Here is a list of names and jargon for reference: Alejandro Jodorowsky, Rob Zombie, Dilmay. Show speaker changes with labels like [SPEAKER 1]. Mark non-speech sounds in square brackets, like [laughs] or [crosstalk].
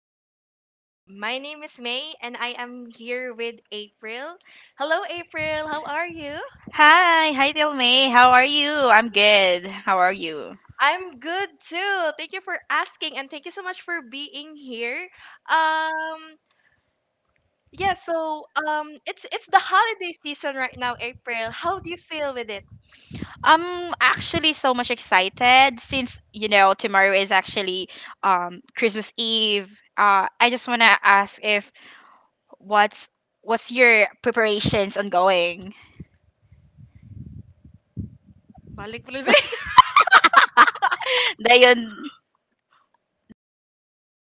[SPEAKER 1] bells all the way. My name is May and I am here with April. Hello, April. How are you?
[SPEAKER 2] Hi, Dilmay. How are you? I'm good. How are you?
[SPEAKER 1] I'm good too. Thank you for asking and thank you so much for being here. Um, it's the holiday season right now, April. How do you feel with it?
[SPEAKER 2] I'm actually so much excited since you know tomorrow is actually Christmas Eve. I just wanna ask if what's what's your preparations ongoing?
[SPEAKER 1] Balik, balik. [laughs]
[SPEAKER 2] [laughs] Dahil yun, nalimugot